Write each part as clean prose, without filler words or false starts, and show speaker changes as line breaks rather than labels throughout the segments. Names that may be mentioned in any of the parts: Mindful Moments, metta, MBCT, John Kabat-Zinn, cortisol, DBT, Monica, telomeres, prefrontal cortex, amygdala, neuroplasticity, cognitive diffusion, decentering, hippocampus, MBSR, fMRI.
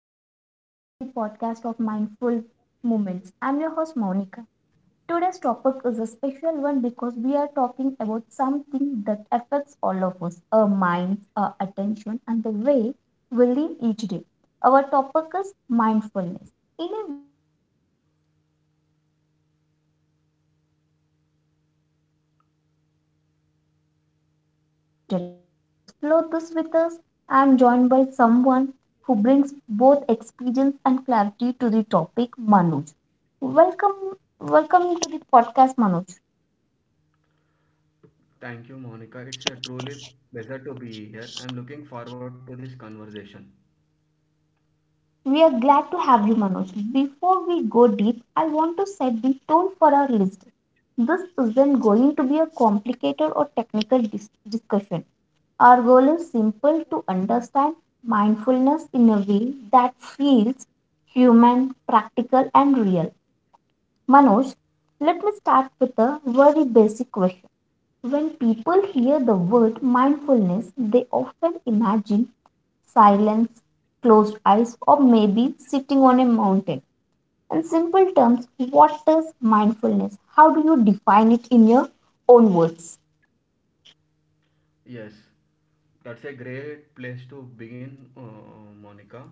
everyone, welcome to the podcast of Mindful Moments. I'm your host Monica. Today's topic is a special one because we are talking about something that affects all of us, our minds, our attention, and the way we live each day. Our topic is mindfulness. In a world that is always rushing, buzzing, and multitasking, mindfulness feels almost revolutionary. To explore this with us, I am joined by someone who brings both experience and clarity to the topic, Manoj. Welcome Welcome to the podcast, Manoj.
Thank you, Monica. It's a truly pleasure to be here. I'm looking forward to this conversation.
We are glad to have you, Manoj. Before we go deep, I want to set the tone for our list. This isn't going to be a complicated or technical discussion. Our goal is simple, to understand mindfulness in a way that feels human, practical, and real. Manoj, let me start with a very basic question. When people hear the word mindfulness, they often imagine silence, closed eyes, or maybe sitting on a mountain. In simple terms, what is mindfulness? How do you define it in your own words?
Yes, that's a great place to begin, Monica.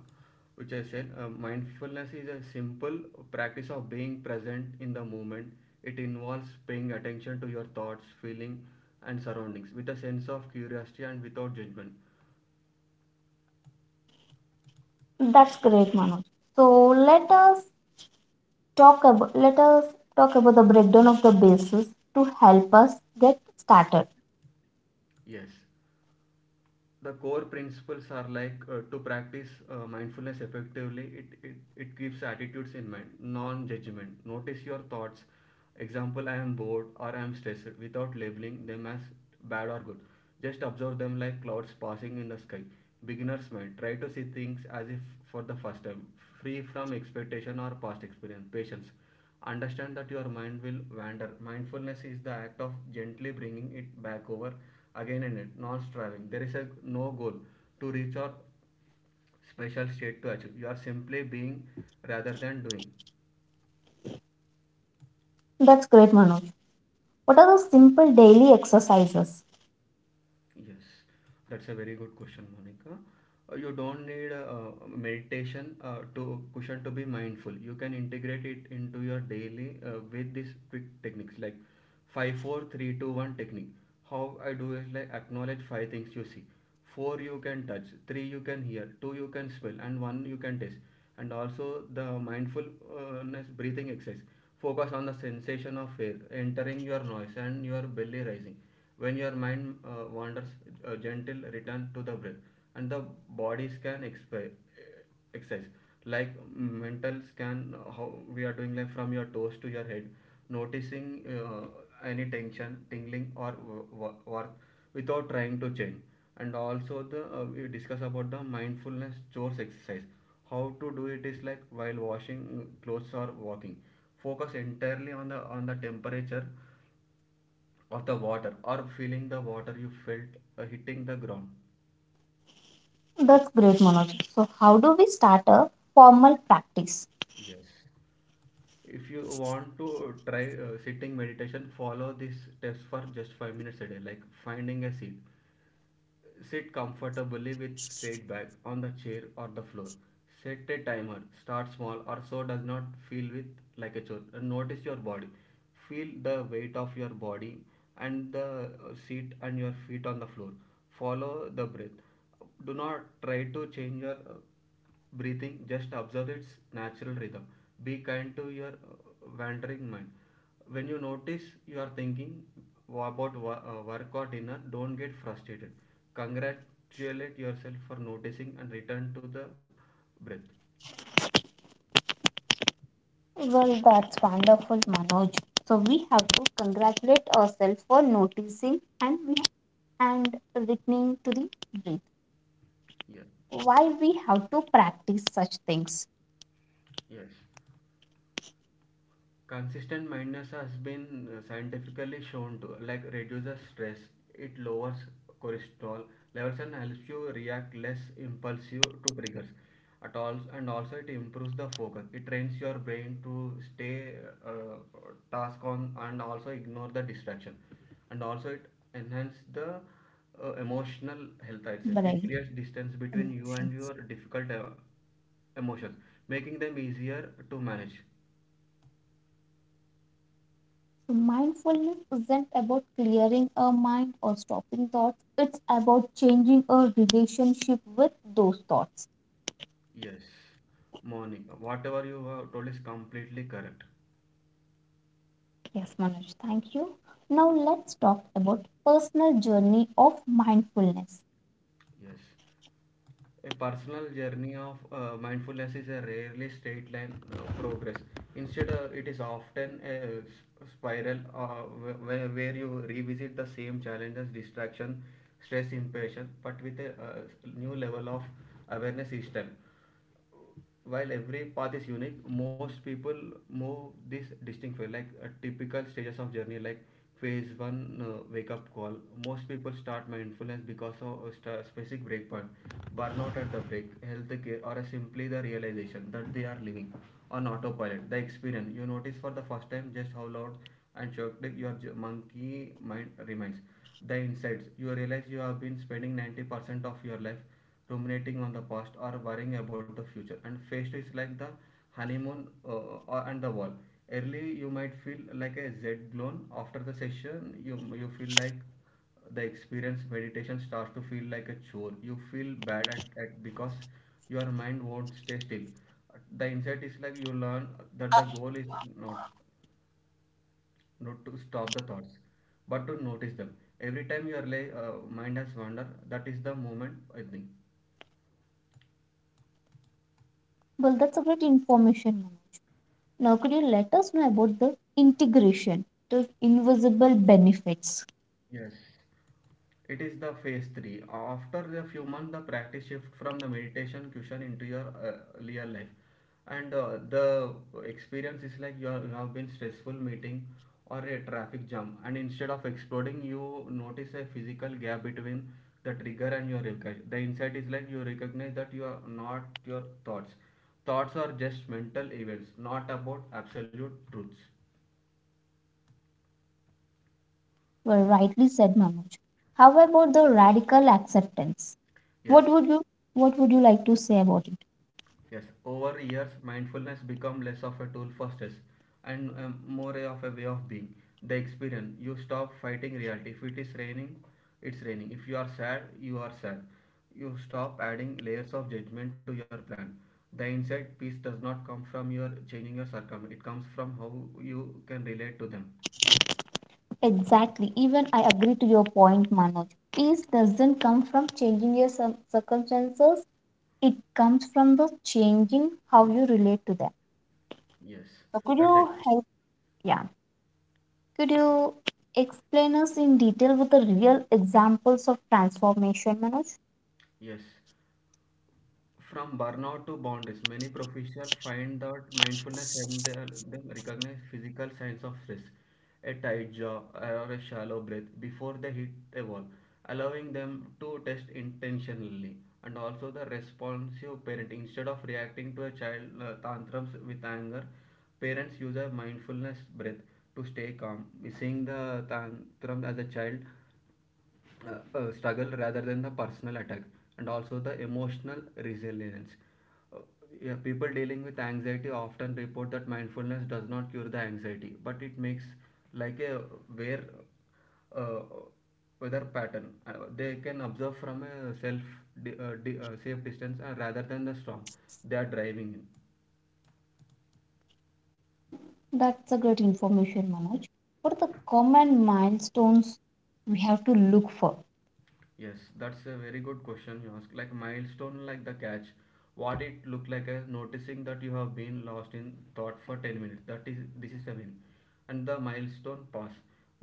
Which I said, mindfulness is a simple practice of being present in the moment. It involves paying attention to your thoughts, feeling, and surroundings with a sense of curiosity and without judgment.
That's great, Manoj. So let us talk about the breakdown of the basis to help us get started.
Yes. The core principles are like to practice mindfulness effectively it keeps attitudes in mind. Non-judgment, notice your thoughts, example, I am bored or I am stressed without labeling them as bad or good, just observe them like clouds passing in the sky. Beginner's mind, try to see things as if for the first time, free from expectation or past experience. Patience, understand that your mind will wander, mindfulness is the act of gently bringing it back over again and again, not striving. There is a no goal to reach or special state to achieve, you are simply being rather than doing.
That's great, Manoj. What are the simple daily exercises?
Yes, that's a very good question, Monica. You don't need meditation to cushion to be mindful. You can integrate it into your daily with these quick techniques like five, four, three, two, one technique. How I do is like acknowledge five things you see. Four you can touch, three you can hear, two you can smell, and one you can taste. And also the mindfulness breathing exercise. Focus on the sensation of air entering your nose and your belly rising. When your mind wanders, a gentle return to the breath. And the body scan exp- exercise, like mental scan, how we are doing, like from your toes to your head, noticing any tension, tingling, or without trying to change. And also the, we discuss about the mindfulness chores exercise. How to do it is like while washing clothes or walking, focus entirely on the temperature of the water or feeling the water you felt hitting the ground.
That's great, Manoj. So how do we start a formal practice?
Yes, if you want to try sitting meditation, follow these steps for just 5 minutes a day. Like finding a seat, sit comfortably with straight back on the chair or the floor. Set a timer, start small or so does not feel with like a chore. And notice your body, feel the weight of your body and the seat and your feet on the floor. Follow the breath, do not try to change your breathing. Just observe its natural rhythm. Be kind to your wandering mind. When you notice you are thinking about work or dinner, don't get frustrated, congratulate yourself for noticing and return to the breath.
Well, that's wonderful, Manoj. So we have to congratulate ourselves for noticing, and we and listening to the
Yeah.
breath. Why we have to practice such things?
yes consistent mindness has been scientifically shown to like reduces stress, it lowers cholesterol levels and helps you react less impulsive to triggers at all. And also it improves the focus, it trains your brain to stay uh, task on and also ignore the distraction. And also it
Yes,
enhances
it
the
improves
emotional health. I'd say it
brain
creates distance between you and
emotions.
your difficult emotions, making them easier to manage.
So mindfulness isn't about clearing our mind or stopping thoughts. It's about changing our relationship with those thoughts.
Yes, Monica, whatever you have told is completely correct.
Yes, Manoj. Thank you. Now let's talk about personal journey of mindfulness.
Yes, a personal journey of mindfulness is a rarely straight line progress. Instead, it is often a spiral where you revisit the same challenges, distraction, stress, impatience, but with a new level of awareness each time. While every path is unique, most people move this distinct way. Like typical stages of journey, like phase one, wake up call. Most people start mindfulness because of a specific breakpoint, burnout at the break, health care, or simply the realization that they are living on autopilot. The experience, you notice for the first time just how loud and shocked your monkey mind remains. The insights, you realize you have been spending 90% of your life ruminating on the past or worrying about the future. And phase two is like the honeymoon and the wall. Early, you might feel like a Z blown. After the session, you feel like the experience. Meditation starts to feel like a chore. You feel bad at because your mind won't stay still. The insight is like you learn that the goal is not not to stop the thoughts, but to notice them. Every time your mind has wandered, that is the moment, I think.
Well, that's a great information. Ma'am. Now, could you let us know about the integration, the invisible benefits?
Yes. It is the phase 3. After a few months, the practice shift from the meditation cushion into your real life. And the experience is like you have been stressful meeting or a traffic jam. And instead of exploding, you notice a physical gap between the trigger and your recognition. The insight is like you recognize that you are not your thoughts. Thoughts are just mental events, not about absolute truths.
Well, rightly said, Manoj. How about the radical acceptance?
Yes.
What would you What would you like to say about it?
Yes, over years, mindfulness become less of a tool for stress and more of a way of being. The experience, you stop fighting reality. If it is raining, it's raining. If you are sad, you are sad. You stop adding layers of judgment to your plan. The inside peace does not come from your changing your circumstance, it comes from how you can relate to them.
Exactly. Even I agree to your point, Manoj. Peace doesn't come from changing your circumstances. It comes from the changing how you relate to them.
Yes,
So could
that's
you
exactly.
help? Yeah. Could you explain us in detail with the real examples of transformation, Manoj?
Yes, from burnout to boundaries, many professionals find that mindfulness helps them recognize physical signs of stress, a tight jaw or a shallow breath before they hit a wall, allowing them to test intentionally. And also the responsive parenting, instead of reacting to a child tantrums with anger, parents use a mindfulness breath to stay calm, seeing the tantrum as a child struggle rather than the personal attack. And also the emotional resilience. Uh, yeah, people dealing with anxiety often report that mindfulness does not cure the anxiety, but it makes like a where uh, weather pattern they can observe from a self safe distance rather than the storm they are driving in.
That's a great information, Manoj. What are the common milestones we have to look for?
Yes, that's a very good question you ask. Like milestone, like the catch, what it looked like as noticing that you have been lost in thought for 10 minutes, that is, this is a win. And the milestone pass,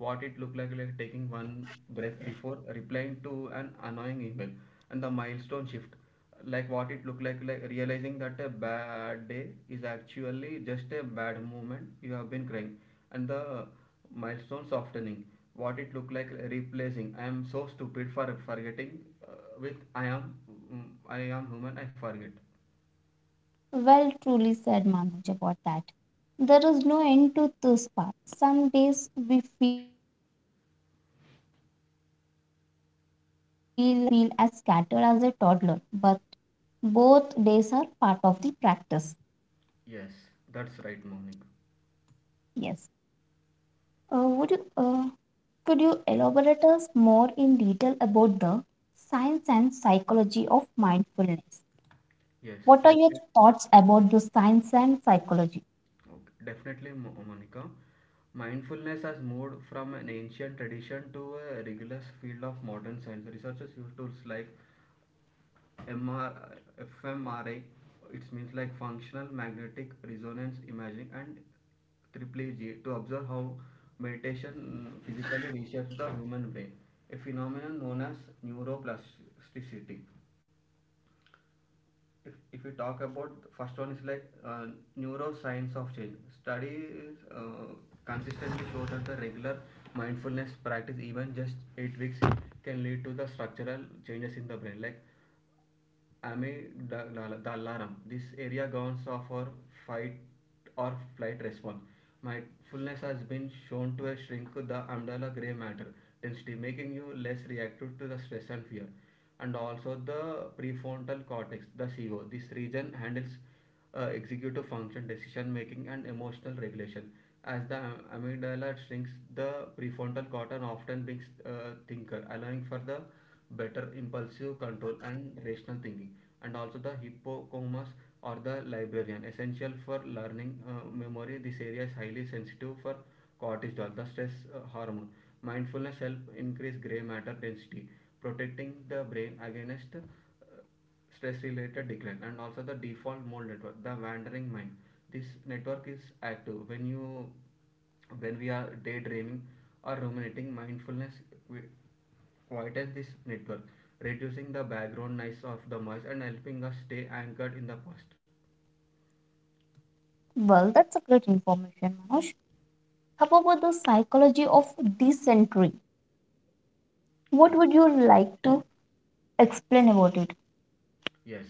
what it looked like taking one breath before replying to an annoying email. And the milestone shift, like what it looked like realizing that a bad day is actually just a bad moment you have been crying. And the milestone softening, what it looked like, replacing I am so stupid for forgetting uh, with I am, I am human, I forget.
Well, truly said, Manoj, about that. There is no end to this path. Some days we feel like a Zen master, and the other days we feel as scattered as a toddler. But both days are part of the practice.
Yes, that's right, Monica.
Yes. Would you? Could you elaborate us more in detail about the science and psychology of mindfulness?
Yes,
What are your
definitely,
thoughts about the science and psychology?
Okay, definitely, Monica. Mindfulness has moved from an ancient tradition to a rigorous field of modern science. Researchers use tools like MRFMRI. It means like functional magnetic resonance imaging, and triple G to observe how meditation physically reshapes the human brain, a phenomenon known as neuroplasticity. If we talk about the first one is like neuroscience of change. Studies consistently show that the regular mindfulness practice, even just 8 weeks, can lead to the structural changes in the brain, like amygdalarum. This area governs of our fight or flight response. Mindfulness has been shown to shrink the amygdala gray matter density, making you less reactive to the stress and fear. And also the prefrontal cortex, the CO. This region handles executive function, decision making, and emotional regulation. As the amygdala shrinks, the prefrontal cortex often becomes thinker, allowing for the better impulsive control and rational thinking. And also the hippocampus or the librarian, essential for learning memory. This area is highly sensitive for cortisol, the stress hormone. Mindfulness help increase gray matter density, protecting the brain against stress-related decline. And also the default mode network, the wandering mind. This network is active when you when we are daydreaming or ruminating. Mindfulness quietens this network, reducing the background noise of the mind and helping us stay anchored in the past.
Well, that's a great information, Manoj. How about the psychology of this century?
Yes.
What would you like to explain about it?
Yes.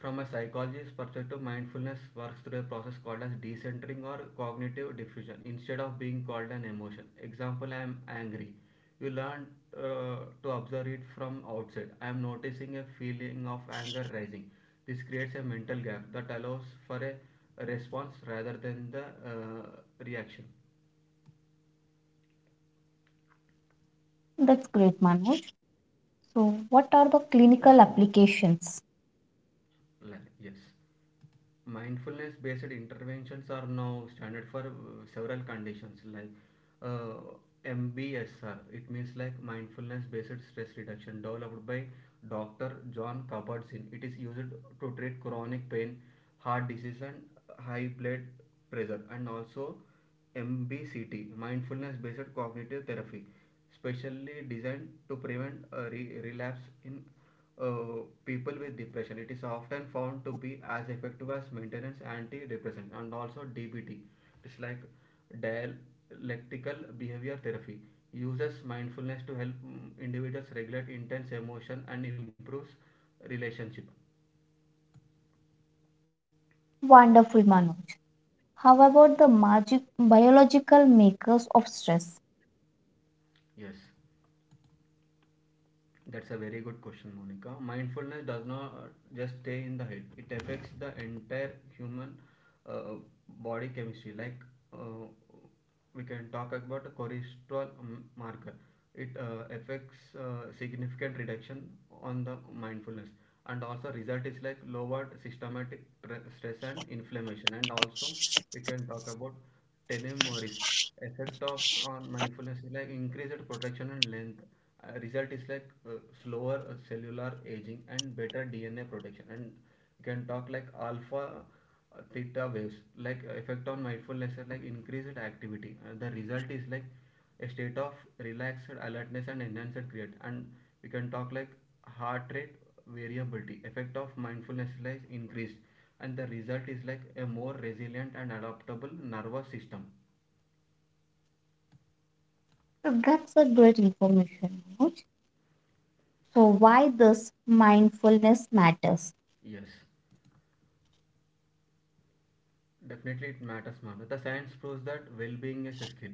From a psychologist's perspective, mindfulness works through a process called as decentering or cognitive diffusion instead of being called an emotion. Example, I am angry. You learn to observe it from outside. I am noticing a feeling of anger rising. This creates a mental gap that allows for a response rather than the reaction.
That's great, Manoj. So, what are the clinical applications?
Like, yes. Mindfulness based interventions are now standard for several conditions, like uh, MBSR. It means like mindfulness based stress reduction developed by Dr. John Kabat-Zinn. It is used to treat chronic pain, heart disease, and high blood pressure. And also MBCT, mindfulness based cognitive therapy, specially designed to prevent a relapse in people with depression. It is often found to be as effective as maintenance antidepressant. And also DBT, it's like dialectical behavior therapy. Uses mindfulness to help individuals regulate intense emotion and improves relationship.
Wonderful, Manoj. How about the magic biological makers of stress?
Yes. That's a very good question, Monica. Mindfulness does not just stay in the head. It affects the entire human uh, uh, body chemistry. Uh, we can talk about a cholesterol marker. It affects significant reduction on the mindfulness, and also, result is like lowered systematic stress and inflammation. And also, we can talk about telomeres. Effect of on mindfulness is like increased protection and length. Result is like slower cellular aging and better DNA protection. And you can talk like alpha theta waves, like effect on mindfulness is like increased activity. The result is like a state of relaxed alertness and enhanced create. And we can talk like heart rate variability. Effect of mindfulness is like increased, and the result is like a more resilient and adaptable nervous system.
That's a great information, Manoj. So, why this mindfulness matters?
Yes. Definitely, it matters, Manu. The science proves that well-being is a skill.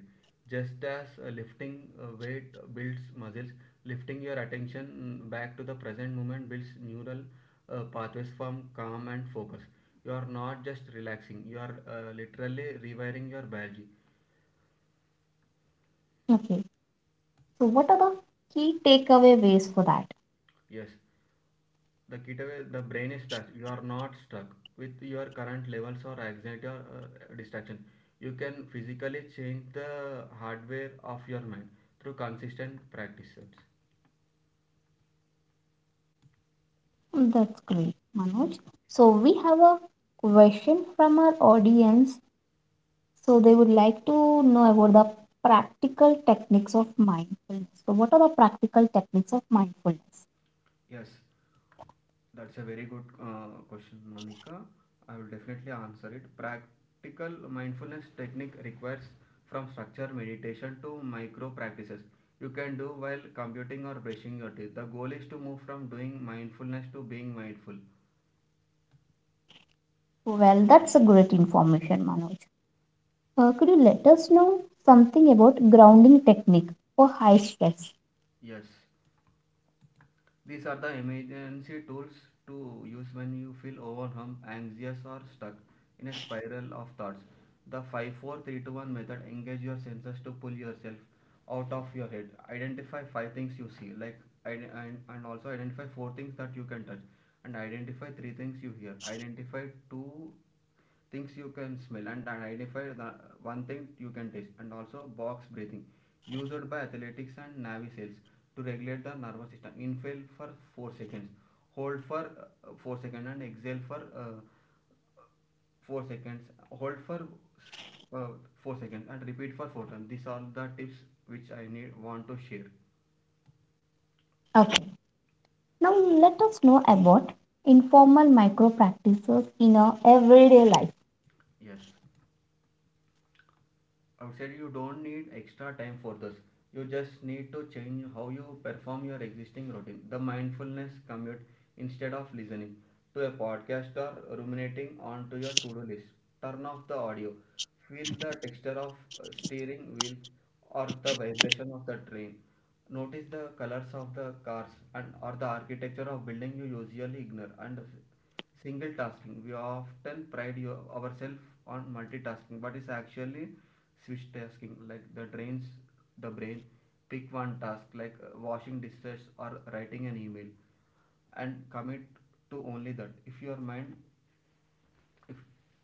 Just as lifting weight builds muscles, lifting your attention back to the present moment builds neural pathways from calm and focus. You are not just relaxing; you are literally rewiring your biology.
Okay, so, what are the key takeaway ways for that?
Yes, the ketaway, the brain is plastic. You are not stuck with your current levels or anxiety or distraction. You can physically change the hardware of your mind through consistent practices.
That's great, Manoj. So, we have a question from our audience. So, they would like to know about the practical techniques of mindfulness. So, what are the practical techniques of mindfulness?
Yes, that's a very good question, Monica. I will definitely answer it. Practical mindfulness technique requires from structure meditation to micro practices you can do while computing or brushing your teeth. The goal is to move from doing mindfulness to being mindful.
Well, that's a great information, Manoj. Could you let us know something about grounding technique for high stress?
Yes. These are the emergency tools to use when you feel overwhelmed, anxious, or stuck in a spiral of thoughts. The 5 4 3 2 1 method engage your senses to pull yourself out of your head. Identify five things you see, like and also identify four things that you can touch, and identify three things you hear. Identify two things you can smell, and identify the one thing you can taste. And also box breathing, used by athletics and navy seals to regulate the nervous system. Inhale for 4 seconds, hold for 4 seconds, and exhale for 4 seconds, hold for uh, 4 seconds, and repeat for 4 times. These are the tips which I need want to share.
Okay, now, let us know about informal micro practices in our everyday life.
Yes, outside you don't need extra time for this. You just need to change how you perform your existing routine. The mindfulness commute: instead of listening to a podcast or ruminating onto your to-do list, turn off the audio, feel the texture of steering wheel or the vibration of the train, notice the colors of the cars and or the architecture of building you usually ignore. And single tasking: we often pride ourselves on multitasking, but it's actually switch tasking, like the drains the brain. Pick one task like washing dishes or writing an email, and commit to only that. If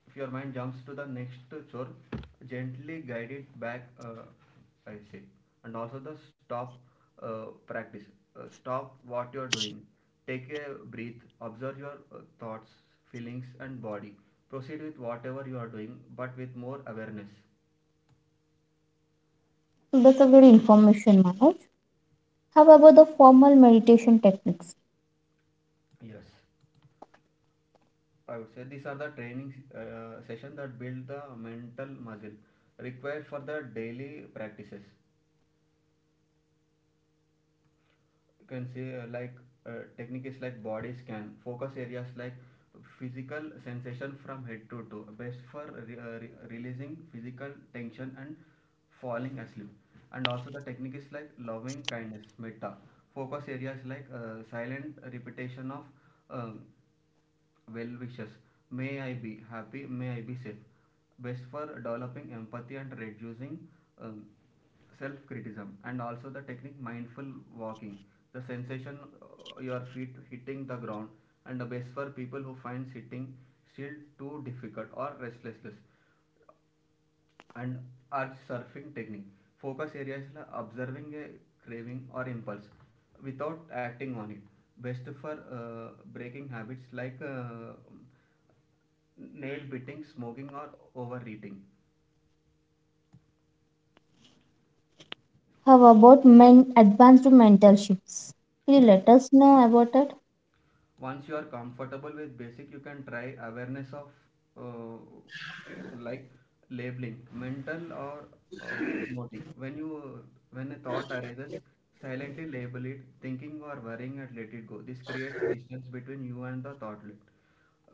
if your mind jumps to the next chore, gently guide it back. I say. And also the stop uh, practice: stop what you are doing, take a breath, observe your thoughts, feelings and body, proceed with whatever you are doing but with more awareness.
So that's a very information, Manoj. How about the formal meditation techniques?
Yes, I would say these are the training session that build the mental muscle required for the daily practices. You can say like technique is like body scan. Focus areas like physical sensation from head to toe, best for releasing physical tension and falling asleep. And also the technique is like loving kindness metta. Focus areas like silent repetition of um, well wishes. May I be happy, may I be safe. Best for developing empathy and reducing um, self criticism. And also the technique mindful walking, the sensation your feet hitting the ground, and the best for people who find sitting still too difficult or restlessness. And our surfing technique. Focus areas la observing a craving or impulse without acting on it. Best for breaking habits like nail biting, smoking, or overeating.
How about advanced mental shifts? Can you
Yes.
let us know about it?
Once you are comfortable with basic, you can try awareness of uh, like labeling mental or motive. When you when a thought arises, silently label it thinking or worrying and let it go. This creates a distance between you and the thought loop.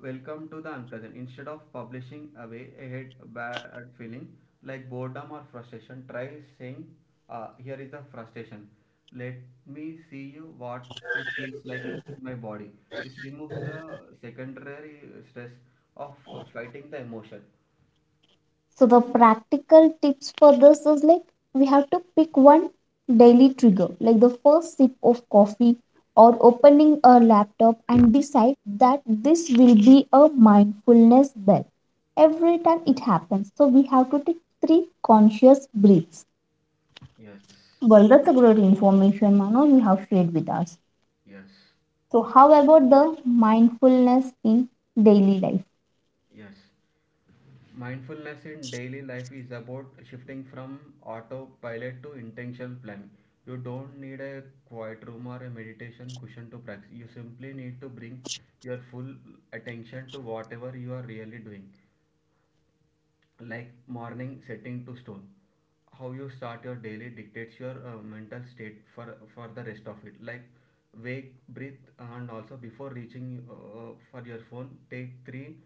Welcome to the unpleasant. Instead of publishing away a head bad feeling like boredom or frustration, try saying, "Here is the frustration. Let me see you what it feels like in my body." This removes the secondary stress of fighting the emotion.
So the practical tips for this is like we have to pick one daily trigger, like the first sip of coffee or opening a laptop, and decide that this will be a mindfulness bell every time it happens. So we have to take three conscious breaths.
Yes,
Well, that's a great information, Mano, you have shared with us.
yes,
So how about the mindfulness in daily life?
yes. Mindfulness in daily life is about shifting from autopilot to intentional planning. You don't need a quiet room or a meditation cushion to practice. You simply need to bring your full attention to whatever you are really doing, like morning setting to stone. How you start your daily dictates your mental state for the rest of it. Like wake, breathe, and also before reaching for your phone, take three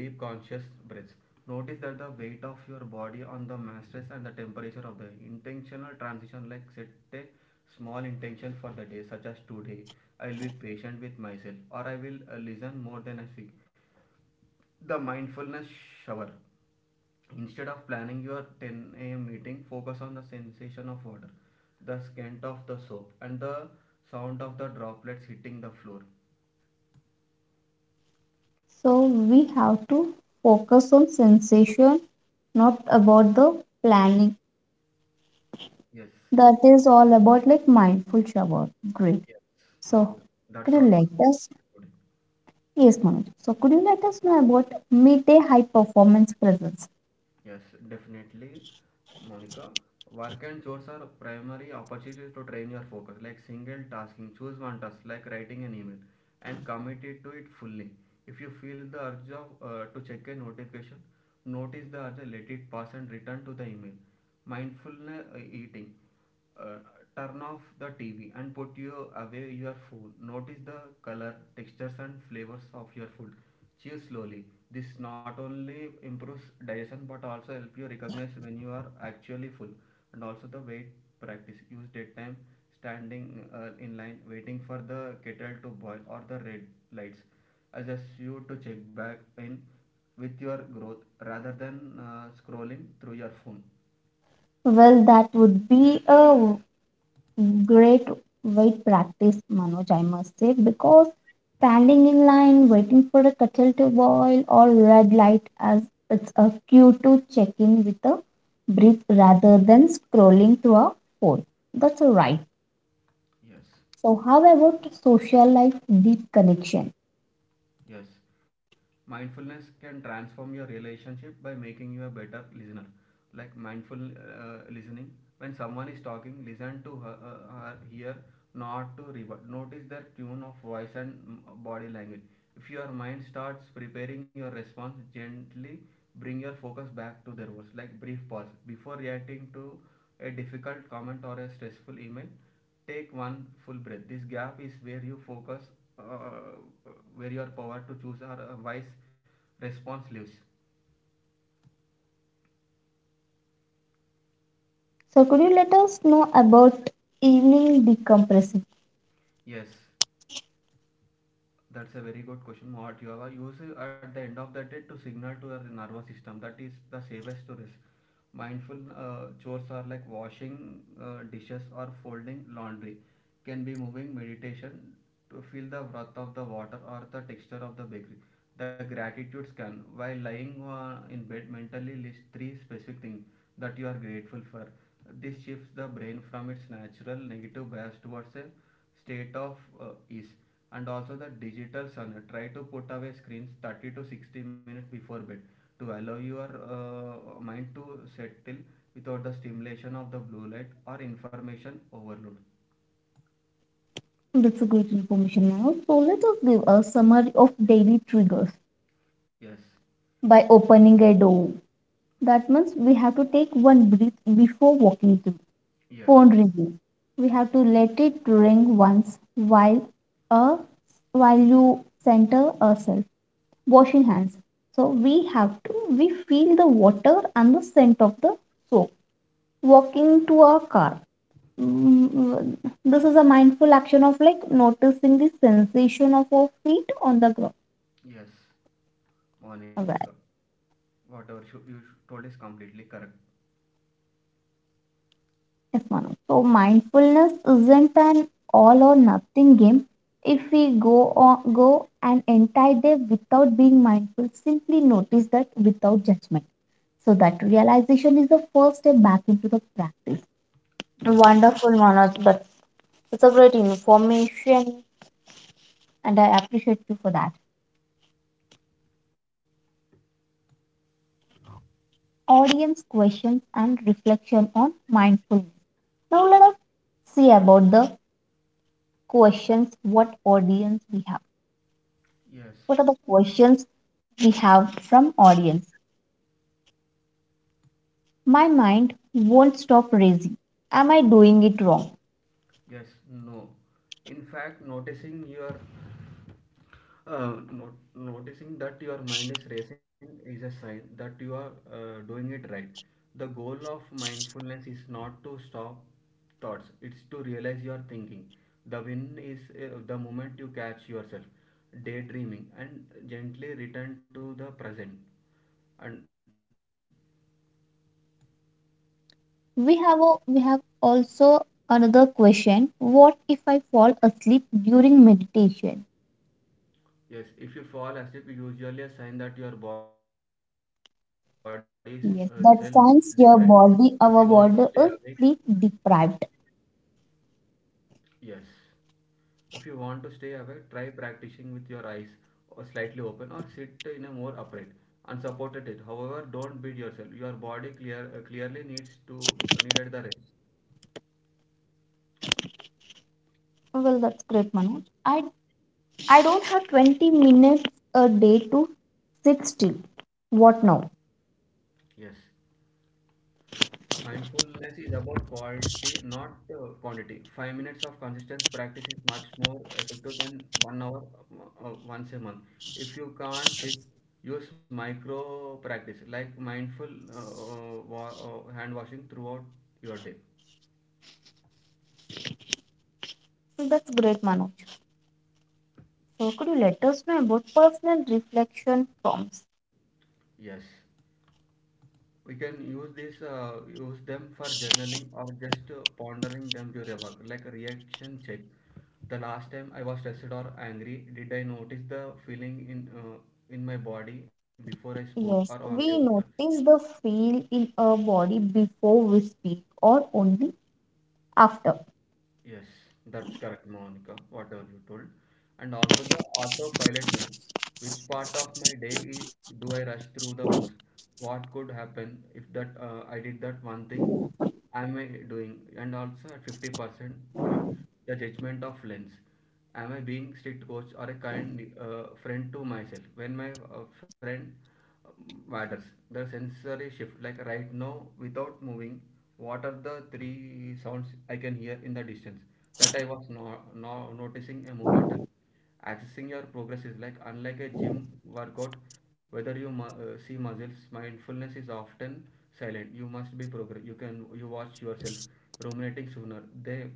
deep conscious breaths, notice that the weight of your body on the mattress and the temperature of the intentional transition. Like set a small intention for the day, such as today I'll be patient with myself, or I will listen more than I speak. The mindfulness shower: instead of planning your 10 a.m. meeting, focus on the sensation of water, the scent of the soap, and the sound of the droplets hitting the floor.
So we have to focus on sensation, not about the planning.
Yes,
That is all about like mindful shower. Great.
yes,
So
Monica.
could
That's
you
all.
let us yes Manoj. So could you let us know about midday high performance presence?
Yes, definitely. Monica, work and chores are primary opportunities to train your focus, like single tasking. Choose one task, like writing an email, and commit it to it fully. If you feel the urge of, to check a notification, notice the urge, let it pass, and return to the email. Mindfulness eating: uh, turn off the TV and put you away your food. Notice the color, textures and flavors of your food. Chew slowly. This not only improves digestion but also help you recognize when you are actually full. And also the wait practice. Use daytime standing in line, waiting for the kettle to boil or the red lights. Adjust you to check back in with your growth rather than scrolling through your phone.
Well, that would be a great weight practice, Manoj, I must say, because standing in line, waiting for a kettle to boil or red light, as it's a cue to check in with a breath rather than scrolling through a phone. That's a right.
Yes.
So, how about social life deep connection?
Yes, mindfulness can transform your relationship by making you a better listener. Like mindful listening, when someone is talking, listen to her, her hear, not to rebut. Notice their tune of voice and body language. If your mind starts preparing your response, gently bring your focus back to their words. Like brief pause before reacting to a difficult comment or a stressful email. Take one full breath. This gap is where you focus where your power to choose or wise response lives.
So, could you let us know about evening decompression?
Yes, that's a very good question. What you are use at the end of the day to signal to your nervous system that is the safest to mindful chores are like washing dishes or folding laundry, can be moving meditation, to feel the breath of the water or the texture of the bakery. The gratitude scan: while lying in bed, mentally list three specific things that you are grateful for. This shifts the brain from its natural negative bias towards a state of ease. And also the digital sun: try to put away screens 30 to 60 minutes before bed to allow your mind to settle without the stimulation of the blue light or information overload.
That's a great information, Manoj. So, let us give a summary of daily triggers
Yes,
by opening a door. That means we have to take one breath before walking through.
yes,
Phone ringing. We
y-
have to let it ring once uh, while you center ourselves. Washing hands. So we have to, we feel the water and the scent of the soap, walking to a car. Mm, mm, This is a mindful action of like noticing the sensation of our feet on the ground.
yes, Monica.
Right.
Whatever you told is completely correct.
Yes, Manu. So mindfulness isn't an all or nothing game. If we go on, go an entire day without being mindful, simply notice that without judgment. So that realization is the first step back into the practice.
Yes,
Wonderful, Manoj. That, it's a great information, and I appreciate you for that. Audience questions and reflection on mindfulness. Now let us see about the questions what audience we have.
yes,
What are the questions we have from audience? My mind won't stop racing. Am I doing it wrong?
yes, no. In fact, noticing your not, noticing that your mind is racing is a sign that you are doing it right. The goal of mindfulness is not to stop thoughts, it's to realize your thinking. The win is the moment you catch yourself daydreaming and gently return to the present. And
We have also another question. What if I fall asleep during meditation?
yes, if you fall asleep, it's usually a sign that your body is self deprived.
Yes,
If you
that
want to
signs
stay
your
awake,
body, our body is sleep deprived.
yes. If you want to stay awake, try practicing with your eyes slightly open, or sit in a more upright unsupported it. However, don't beat yourself. Your body clearly needs to needed the rest.
Well, that's great, Manoj. I don't have 20 minutes a day to sit still. What now?
Yes. Mindfulness is about quality, not quantity. 5 minutes of consistent practice is much more effective than 1 hour once a month. If you can't sit, use micro practice like mindful hand washing throughout your day.
So that's great, Manoj. So could you let us know about personal reflection prompts?
Yes, we can use this use them for journaling or just pondering them during work. Like reaction check: the last time I was stressed or angry, did I notice the feeling in my body before I spoke,
Yes,
or only
we
after?
notice the feel in our body before we speak or only after.
Yes, that's correct, Monica, whatever you told. And also the autopilot mode. Which part of my day do I rush through the most? What could happen if that I did that one thing? Am I doing? And also at 50% today, the judgment of lens. Am I being strict coach or a kind friend to myself? When my friend uh, matters, the sensory shift, like right now, without moving, what are the three sounds I can hear in the distance? That I was no, no, noticing a movement. Accessing your progress is like unlike a gym workout, whether you see muscles, mindfulness is often silent. You must be progress. You can you watch yourself ruminating sooner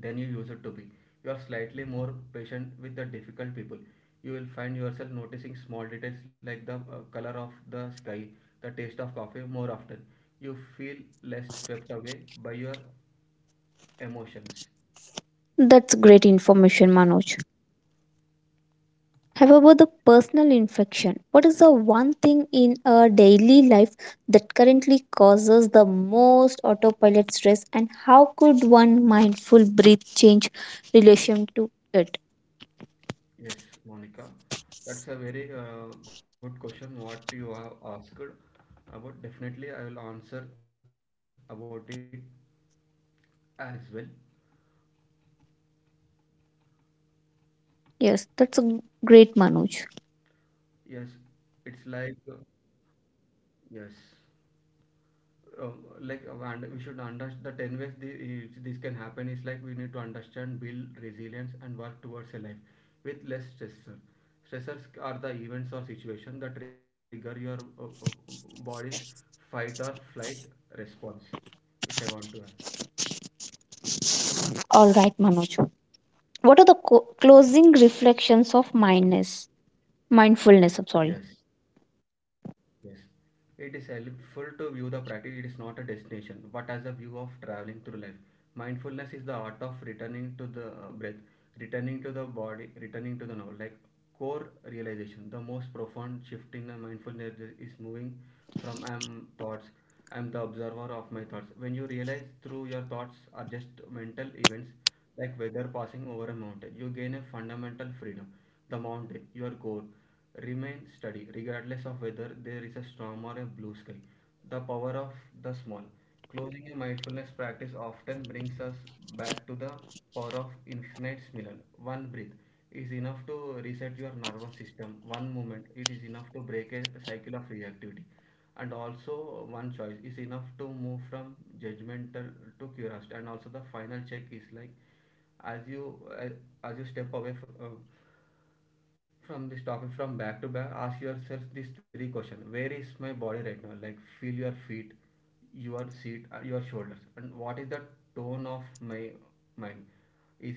than you used to be. You are slightly more patient with the difficult people. You will find yourself noticing small details like the color of the sky, the taste of coffee more often. You feel less swept away by your emotions.
That's great information, Manoj. However, the personal infection? What is the one thing in our daily life that currently causes the most autopilot stress, and how could one mindful breath change relation to it?
Yes, Monica, that's a very good question what you have asked about. Definitely I will answer about it as well.
Yes, that's a great Manoj.
Yes, it's like yes, like and we should understand the 10 ways this can happen is, like, we need to understand, build resilience and work towards a life with less stressor. Stressors are the events or situation that trigger your uh, uh, body's fight or flight response, which I want to have.
All right, Manoj. What are the closing reflections of mindness? Mindfulness. I'm sorry.
Yes, yes, it is helpful to view the practice. It is not a destination but as a view of traveling through life. Mindfulness is the art of returning to the breath, returning to the body, returning to the now, like core realization. The most profound shift in mindfulness is moving from I am thoughts, I am the observer of my thoughts. When you realize through your thoughts are just mental events, like weather passing over a mountain, you gain a fundamental freedom. The mountain, your core, remain steady regardless of whether there is a storm or a blue sky. The power of the small. Closing a mindfulness practice often brings us back to the power of infinite similar. One breath is enough to reset your nervous system. One moment, it is enough to break a cycle of reactivity. And also one choice is enough to move from judgmental to curiosity. And also the final check is like as you as, as you step away from this topic. From back to back, ask yourself these three questions. Where is my body right now, like, feel your feet, your seat, your shoulders? And what is the tone of my mind?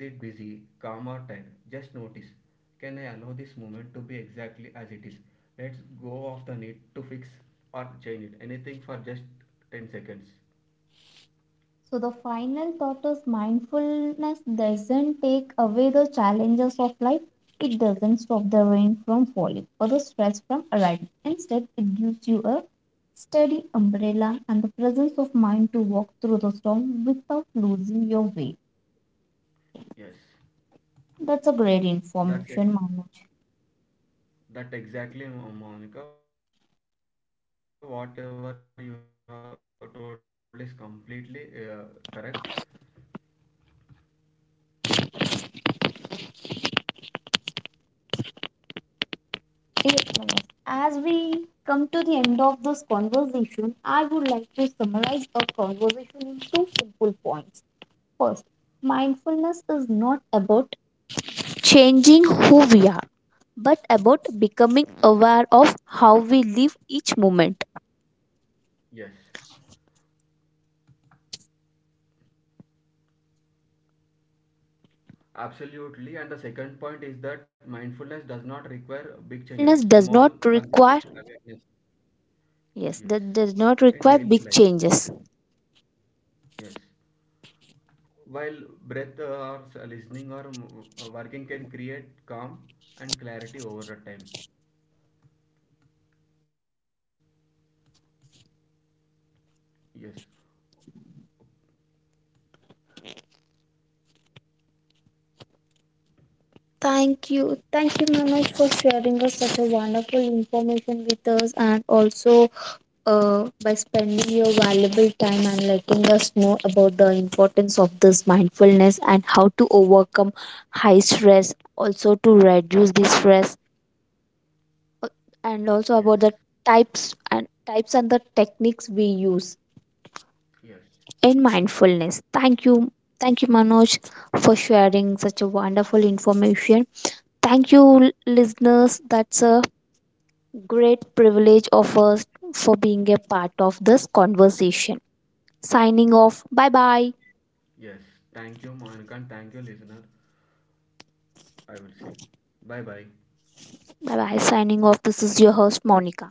Is it busy, calm or tired? Just notice. Can I allow this moment to be exactly as it is? Let's go off the need to fix or change it anything for just 10 seconds.
So the final thought is mindfulness doesn't take away the challenges of life. It doesn't stop the rain from falling or the stress from arriving. Instead, it gives you a steady umbrella and the presence of mind to walk through the storm without losing your way.
Yes,
That's a great information, Manoj.
that's it. That exactly, Monica, whatever you have told is completely correct.
Dear friends, as we come to the end of this conversation, I would like to summarize our conversation in two simple points. First, mindfulness is not about changing who we are, but about becoming aware of how we live each moment.
Yes.
Absolutely.
Absolutely. And the
And the
second point
second
is
point
that
is that
mindfulness does not require
mindfulness
big
does
changes,
not
small,
require,
consistent awareness.
yes, that does
Yes.
not require big
In daily
changes.
life. Yes. While breath listening or working can create calm and clarity over the time. Yes.
Thank you. Thank you, Manoj, for sharing us such a wonderful information with us, and also by spending your valuable time and letting us know about the importance of this mindfulness and how to overcome high stress, also to reduce the stress, uh, and also about the
Yes.
types and the techniques we use in
Yes.
mindfulness. Thank you, Manoj, for sharing such a wonderful information. Thank you, listeners. That's a great privilege of us for being a part of this conversation. Signing off. Bye bye.
Yes. Thank you, Monica, and thank you, listener. I will say, bye bye.
Bye bye. Signing off. This is your host, Monica.